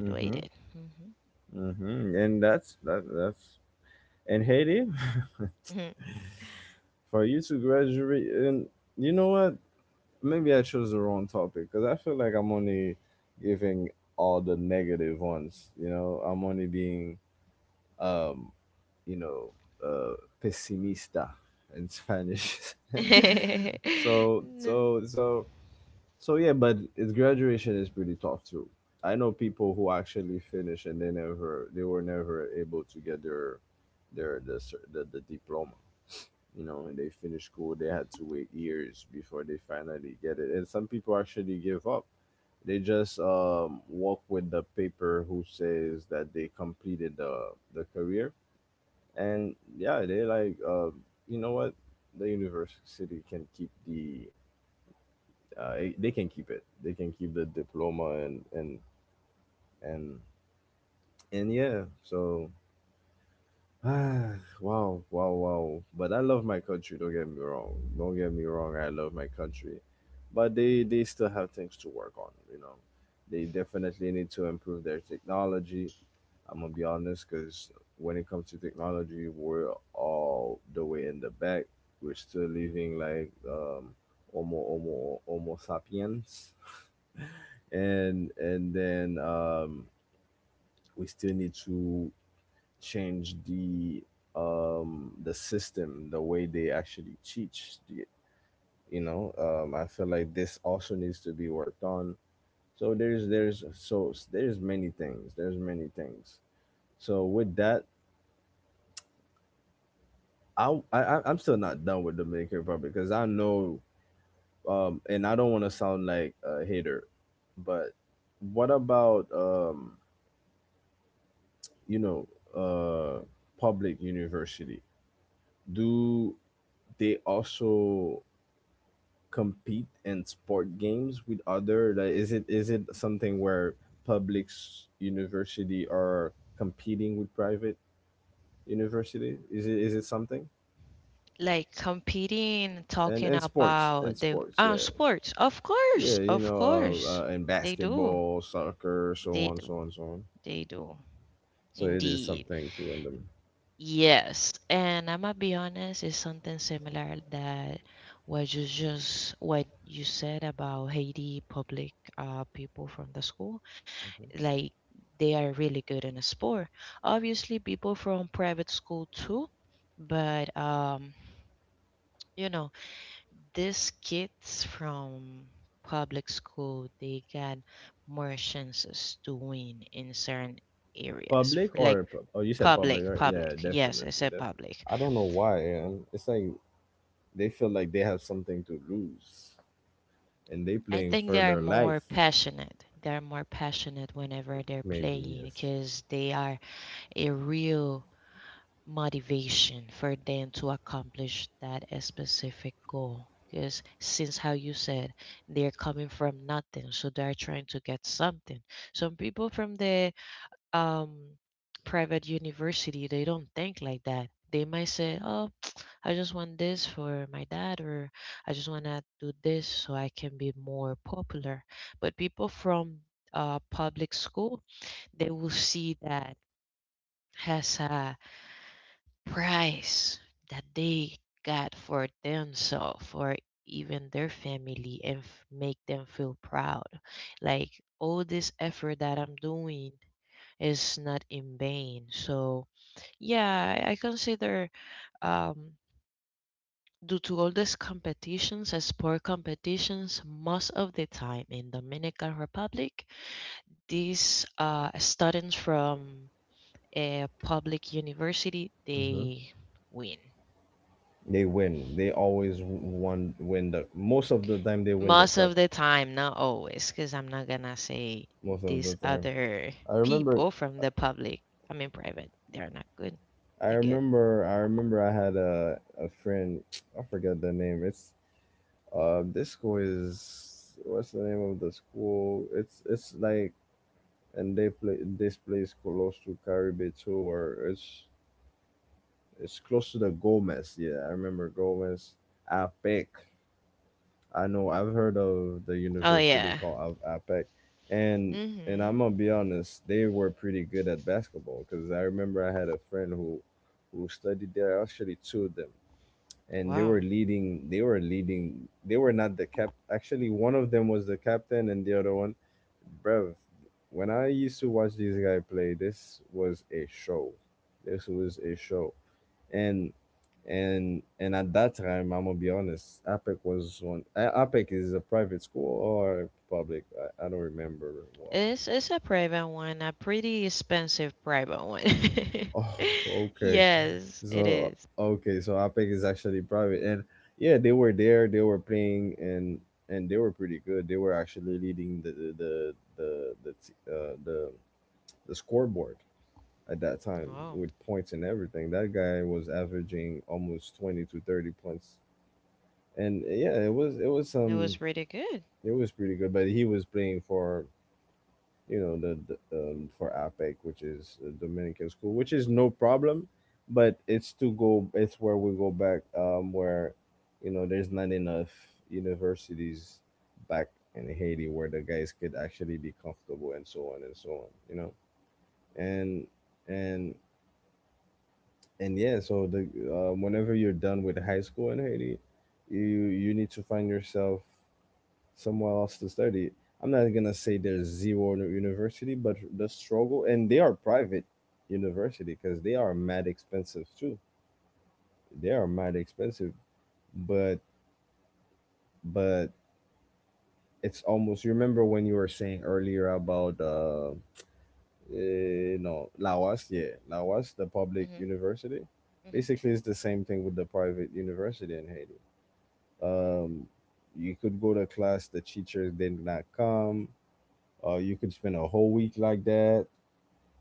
Speaker 1: Mm-hmm.
Speaker 2: Hmm.
Speaker 1: Mm-hmm. And that's that. That's in Haiti for you to graduate. And you know what? Maybe I chose the wrong topic because I feel like I'm only giving all the negative ones. You know, I'm only being, you know, uh, pessimista in Spanish.
Speaker 2: N-
Speaker 1: so, so, so, yeah. But it's graduation is pretty tough too. I know people who actually finish and they were never able to get the diploma. You know, and they finish school. They had to wait years before they finally get it. And some people actually give up. They just walk with the paper who says that they completed the career. And yeah, they like, you know what? The university can keep they can keep it. They can keep the diploma, and, and yeah. Ah, wow, wow, wow. But I love my country, don't get me wrong. Don't get me wrong, I love my country. But they still have things to work on, you know. They definitely need to improve their technology. I'm gonna be honest, because when it comes to technology, we're all the way in the back. We're still living like Homo sapiens, and then we still need to change the system, the way they actually teach. You know, I feel like this also needs to be worked on. So there's many things. There's many things. So with that, I'm still not done with Dominican Republic because I know, and I don't want to sound like a hater, but what about you know, uh, public university? Do they also compete in sport games with other? Like, is it something where university are competing with private university? Is it something?
Speaker 2: Like competing, talking
Speaker 1: And
Speaker 2: about the
Speaker 1: sports, yeah.
Speaker 2: sports.
Speaker 1: Yeah, you
Speaker 2: Of
Speaker 1: know,
Speaker 2: course,
Speaker 1: in
Speaker 2: they do,
Speaker 1: basketball, soccer, so
Speaker 2: they
Speaker 1: on,
Speaker 2: do,
Speaker 1: so on, so on.
Speaker 2: they do.
Speaker 1: So it is
Speaker 2: Indeed.
Speaker 1: something to in the
Speaker 2: Yes, and I'ma be honest, it's something similar that what you said about Haiti public people from the school. Like they are really good in a sport. Obviously people from private school too, but you know, these kids from public school they got more chances to win in certain areas.
Speaker 1: public
Speaker 2: Like
Speaker 1: or oh, you said public,
Speaker 2: public,
Speaker 1: right? Yeah,
Speaker 2: public. Yes, I
Speaker 1: definitely,
Speaker 2: said
Speaker 1: definitely.
Speaker 2: public.
Speaker 1: I don't know why, man. It's like they feel like they have something to lose, and they
Speaker 2: I
Speaker 1: playing
Speaker 2: think they
Speaker 1: for
Speaker 2: are
Speaker 1: their
Speaker 2: more
Speaker 1: life.
Speaker 2: passionate. They are more passionate whenever they're
Speaker 1: Maybe
Speaker 2: playing
Speaker 1: yes,
Speaker 2: because they are a real motivation for them to accomplish that specific goal. Because since how you said, they're coming from nothing, so they're trying to get something. Some people from the um, private university, they don't think like that. They might say, "Oh, I just want this for my dad, or I just want to do this so I can be more popular." But people from public school, they will see that has a price that they got for themselves for even their family and f- make them feel proud. Like all this effort that I'm doing is not in vain. So yeah, I consider um due to all these competitions and sport competitions, most of the time in Dominican Republic, these students from a public university they win.
Speaker 1: they win. They always won. Win the most of the time they win the
Speaker 2: Most
Speaker 1: cup.
Speaker 2: of the time, not always, because I'm not gonna say
Speaker 1: Most of the
Speaker 2: these
Speaker 1: time.
Speaker 2: other
Speaker 1: I remember
Speaker 2: people from the public. I mean, private. They're not good.
Speaker 1: I
Speaker 2: They're good.
Speaker 1: remember I remember I had a friend, I forgot the name. It's this school is what's the name of the school? It's like and they play this place close to Caribe too, or it's close to the Gomez. Yeah, I remember Gomez. APEC. I know I've heard of the
Speaker 2: Oh
Speaker 1: university
Speaker 2: yeah.
Speaker 1: called APEC, and I'm
Speaker 2: Mhm.
Speaker 1: gonna be honest, they were pretty good at basketball because I remember I had a friend who studied there. I actually two of them, and they were
Speaker 2: Wow.
Speaker 1: leading they were leading they were not the cap actually one of them was the captain and the other one bruv. When I used to watch this guy play, this was a show, and at that time, I'm gonna be honest, APEC is a private school or public, I don't remember. Wow.
Speaker 2: It's a private one, a pretty expensive private one.
Speaker 1: Oh. Okay.
Speaker 2: Yes, it
Speaker 1: So
Speaker 2: is.
Speaker 1: okay, so Apex is actually private, and yeah, they were there, they were playing, and they were pretty good. They were actually leading the scoreboard at that time
Speaker 2: Wow,
Speaker 1: with points and everything. That guy was averaging almost 20 to 30 points, and yeah,
Speaker 2: that was really good.
Speaker 1: it was pretty good, but he was playing for you know the for APEC, which is the Dominican school, which is no problem, but it's to go. It's where we go back, where you know there's not enough universities back in Haiti where the guys could actually be comfortable and so on and so on. You know, and and and yeah. So the whenever you're done with high school in Haiti, you need to find yourself somewhere else to study. I'm not gonna say there's zero in university, but the struggle, and they are private university because they are mad expensive too. They are mad expensive, but but it's almost. You remember when you were saying earlier about no Lawas, yeah, Lawas, the public
Speaker 2: Mhm.
Speaker 1: university.
Speaker 2: Mhm.
Speaker 1: Basically, it's the same thing with the private university in Haiti. Um, you could go to class, the teachers did not come. You could spend a whole week like that,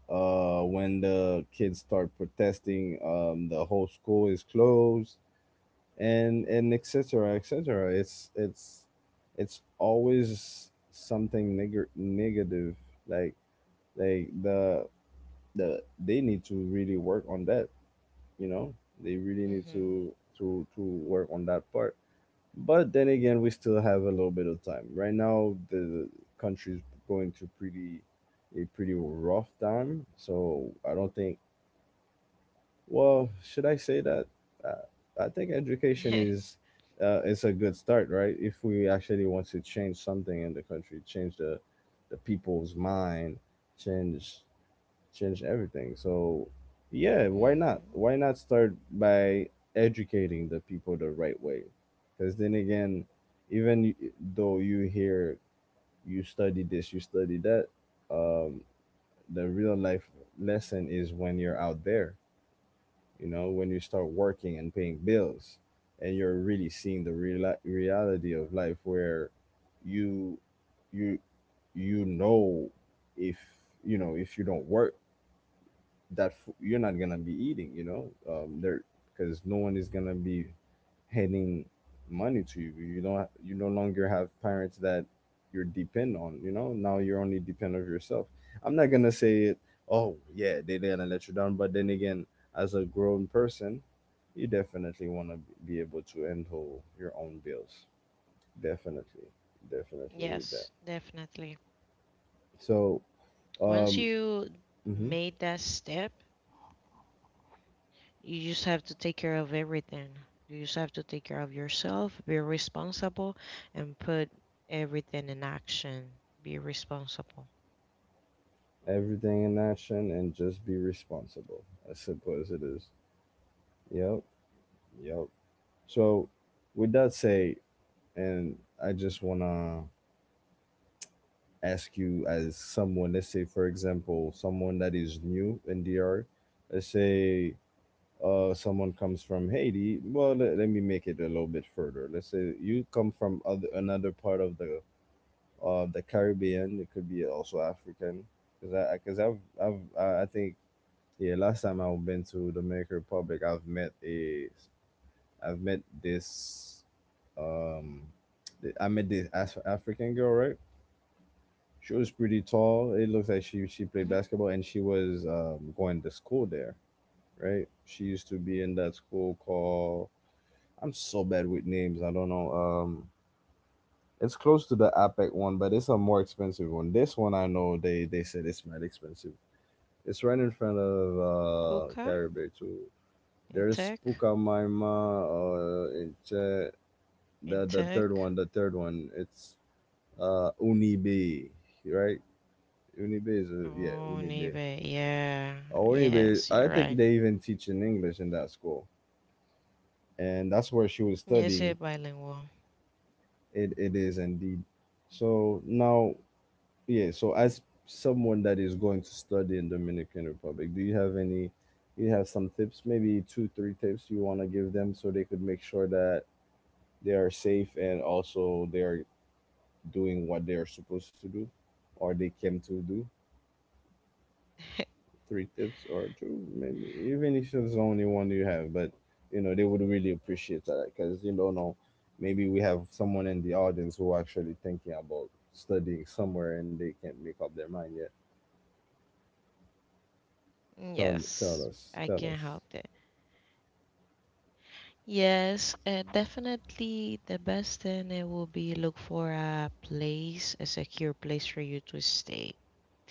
Speaker 1: when the kids start protesting, the whole school is closed, and etc. etc. It's always something negative. Like like the the they need to really work on that. You know, they really need
Speaker 2: Mhm.
Speaker 1: to work on that part. But then again, we still have a little bit of time. Right now, the country's going to pretty a pretty rough time. So I don't think. Well, should I say that? Uh, I think education is, is a good start, right? If we actually want to change something in the country, change the people's mind, change change everything. So, yeah, why not?
Speaker 2: Mhm.
Speaker 1: Why not start by educating the people the right way? Because then again, even though you hear you study this, you study that, um, the real life lesson is when you're out there, you know, when you start working and paying bills, and you're really seeing the real reality of life where you you you know if if you don't work, you're not gonna be eating, there because no one is gonna be handing money to you. You don't You no longer have parents that you're depend on, you know? Now you're only depend of yourself. I'm not gonna say it, oh yeah, they're gonna let you down, but then again, as a grown person, you definitely wanna be able to handle your own bills. Definitely. Definitely need
Speaker 2: Yes,
Speaker 1: that.
Speaker 2: definitely.
Speaker 1: So
Speaker 2: Once
Speaker 1: um
Speaker 2: you
Speaker 1: mhm,
Speaker 2: made that step, you just have to take care of everything. You just have to take care of yourself, be responsible, and put everything in action. Be responsible.
Speaker 1: everything in action and just be responsible. As simple as it is. Yep. Yep. So with that said, and I just wanna ask you as someone, let's say for example, someone that is new in DR, let's say someone comes from Haiti. Well, let, let me make it a little bit further. Let's say you come from other another part of the Caribbean. It could be also African, because I think yeah last time I've been to Dominican Republic, I've met this um I met this African girl, right? She was pretty tall. It looks like she
Speaker 2: Mm-hmm.
Speaker 1: played basketball and she was going to school there, right? She used to be in that school called, I'm so bad with names. I don't know. It's close to the APEC one, but it's a more expensive one. This one I know they said it's mad expensive. It's right in front of
Speaker 2: Puka,
Speaker 1: Caribbean too.
Speaker 2: in tech,
Speaker 1: There's Pukamaima, uh, in Che-
Speaker 2: in
Speaker 1: the
Speaker 2: tech.
Speaker 1: third one. The third one. It's Unibe, right? Unibe is a, yeah
Speaker 2: Oh,
Speaker 1: Unibe,
Speaker 2: Nibe. Yeah.
Speaker 1: or
Speaker 2: Yes,
Speaker 1: even
Speaker 2: you're
Speaker 1: I
Speaker 2: right.
Speaker 1: think they even teach in English in that school, and that's where she was
Speaker 2: Yes, you're
Speaker 1: studying.
Speaker 2: bilingual.
Speaker 1: It is indeed. So now, yeah. So as someone that is going to study in Dominican Republic, do you have any? You have some tips, maybe two, three tips you want to give them so they could make sure that they are safe and also they are doing what they are supposed to do, or they came to do. Three tips or two, maybe even if it's only one you have. But you know, they would really appreciate that because you don't know, maybe we have someone in the audience who are actually thinking about studying somewhere and they can't make up their mind yet. Tell tell
Speaker 2: Yes,
Speaker 1: us,
Speaker 2: I
Speaker 1: tell
Speaker 2: can
Speaker 1: us.
Speaker 2: help that. Yes, definitely the best thing it will be look for a place, a secure place for you to stay.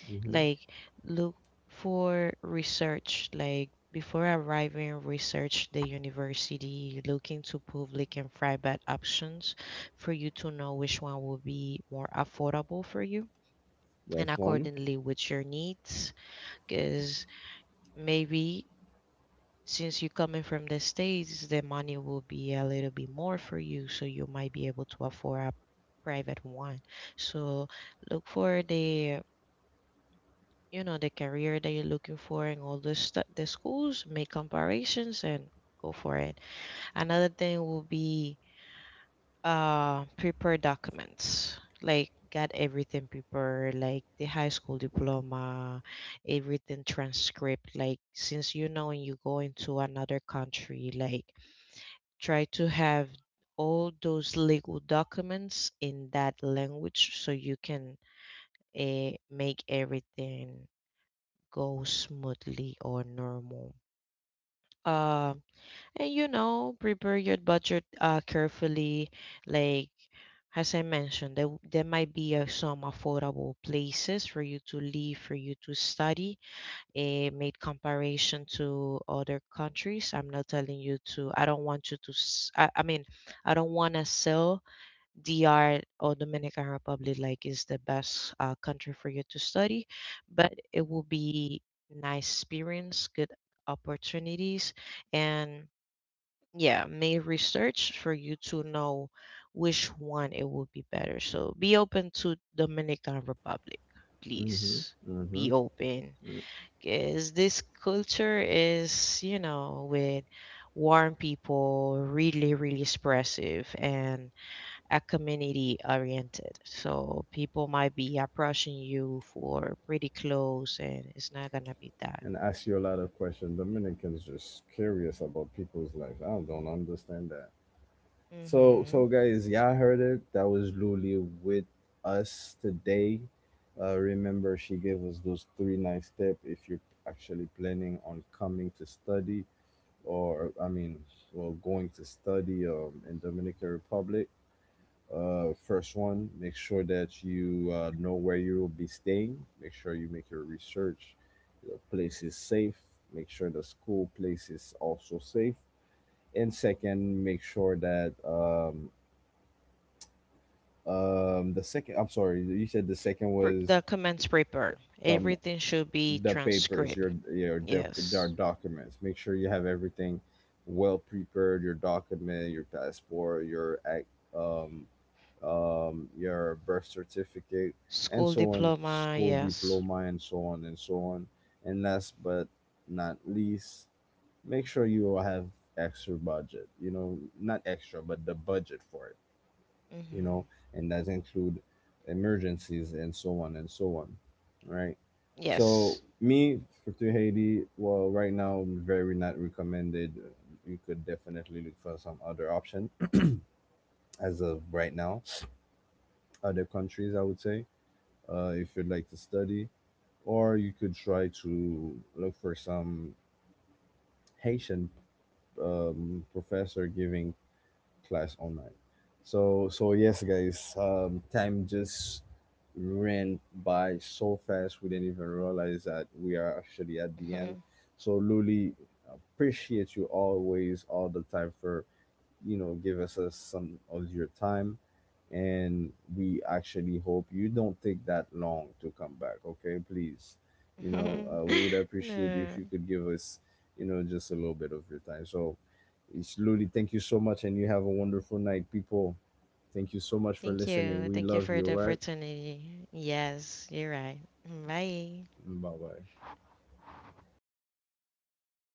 Speaker 1: Hmm.
Speaker 2: Like look for research, like before arriving research the university, look into public and private options for you to know which one will be more affordable for you and
Speaker 1: That's one.
Speaker 2: accordingly with your needs. Because maybe since you're coming from the states the money will be a little bit more for you so you might be able to afford a private one. So look for the, you know, the career that you're looking for and all the stu the schools, make comparisons and go for it. Another thing will be prepare documents, like got everything prepared like the high school diploma, everything transcript. Like since you know when you go into another country, like try to have all those legal documents in that language so you can make everything go smoothly or normal. Um, and you know, prepare your budget carefully. Like as I mentioned, there might be some affordable places for you to live, for you to study. It made comparison to other countries. I'm not telling you to. I don't want you to. I mean, I don't want to sell DR or Dominican Republic like is the best country for you to study, but it will be nice experience, good opportunities, and yeah, may research for you to know which one it will be better. So be open to Dominican Republic, please. Be open, because this culture is, you know, with warm people, really, really expressive, and are community oriented. So people might be approaching you for pretty close, and it's not gonna be that.
Speaker 1: And ask you a lot of questions. Dominicans just curious about people's life. I don't understand that. So,
Speaker 2: Hmm.
Speaker 1: so guys, yeah, I heard it. That was Luli with us today. Remember, she gave us those three nice tips if you're actually planning on coming to study, or I mean, well, going to study in Dominican Republic. First one, make sure that you know where you will be staying. Make sure you make your research. The place is safe. Make sure the school place is also safe, and second make sure that the second, I'm sorry, you said the second was
Speaker 2: The comments paper,
Speaker 1: come
Speaker 2: everything should be
Speaker 1: the papers,
Speaker 2: transcript.
Speaker 1: your doc, your
Speaker 2: Yes.
Speaker 1: documents. Make sure you have everything well prepared. Your document, your passport, your act, um, your birth certificate, and
Speaker 2: School
Speaker 1: so on,
Speaker 2: diploma.
Speaker 1: school
Speaker 2: Yes.
Speaker 1: diploma, and so on and so on. And last but not least, make sure you have extra budget. You know, not extra, but the budget for it, you
Speaker 2: Hmm.
Speaker 1: know, and that include emergencies and so on, right? So
Speaker 2: Yes.
Speaker 1: me for to Haiti, well, right now very not recommended. You could definitely look for some other option as of right now. Other countries, I would say, if you'd like to study, or you could try to look for some Haitian professor giving class online. Yes, guys, time just ran by so fast we didn't even realize that we are actually at the
Speaker 2: Mhm.
Speaker 1: end. So Luli, appreciate you always all the time for you know give us some of your time, and we actually hope you don't take that long to come back, okay please, you know, we would appreciate
Speaker 2: No.
Speaker 1: if you could give us, you know, just a little bit of your time so slowly. Thank you so much and you have a wonderful night people. Thank you so much for
Speaker 2: Thank you.
Speaker 1: listening, we
Speaker 2: Thank you
Speaker 1: love
Speaker 2: for the
Speaker 1: you all right.
Speaker 2: opportunity. Yes, you're right. Bye.
Speaker 1: Bye bye.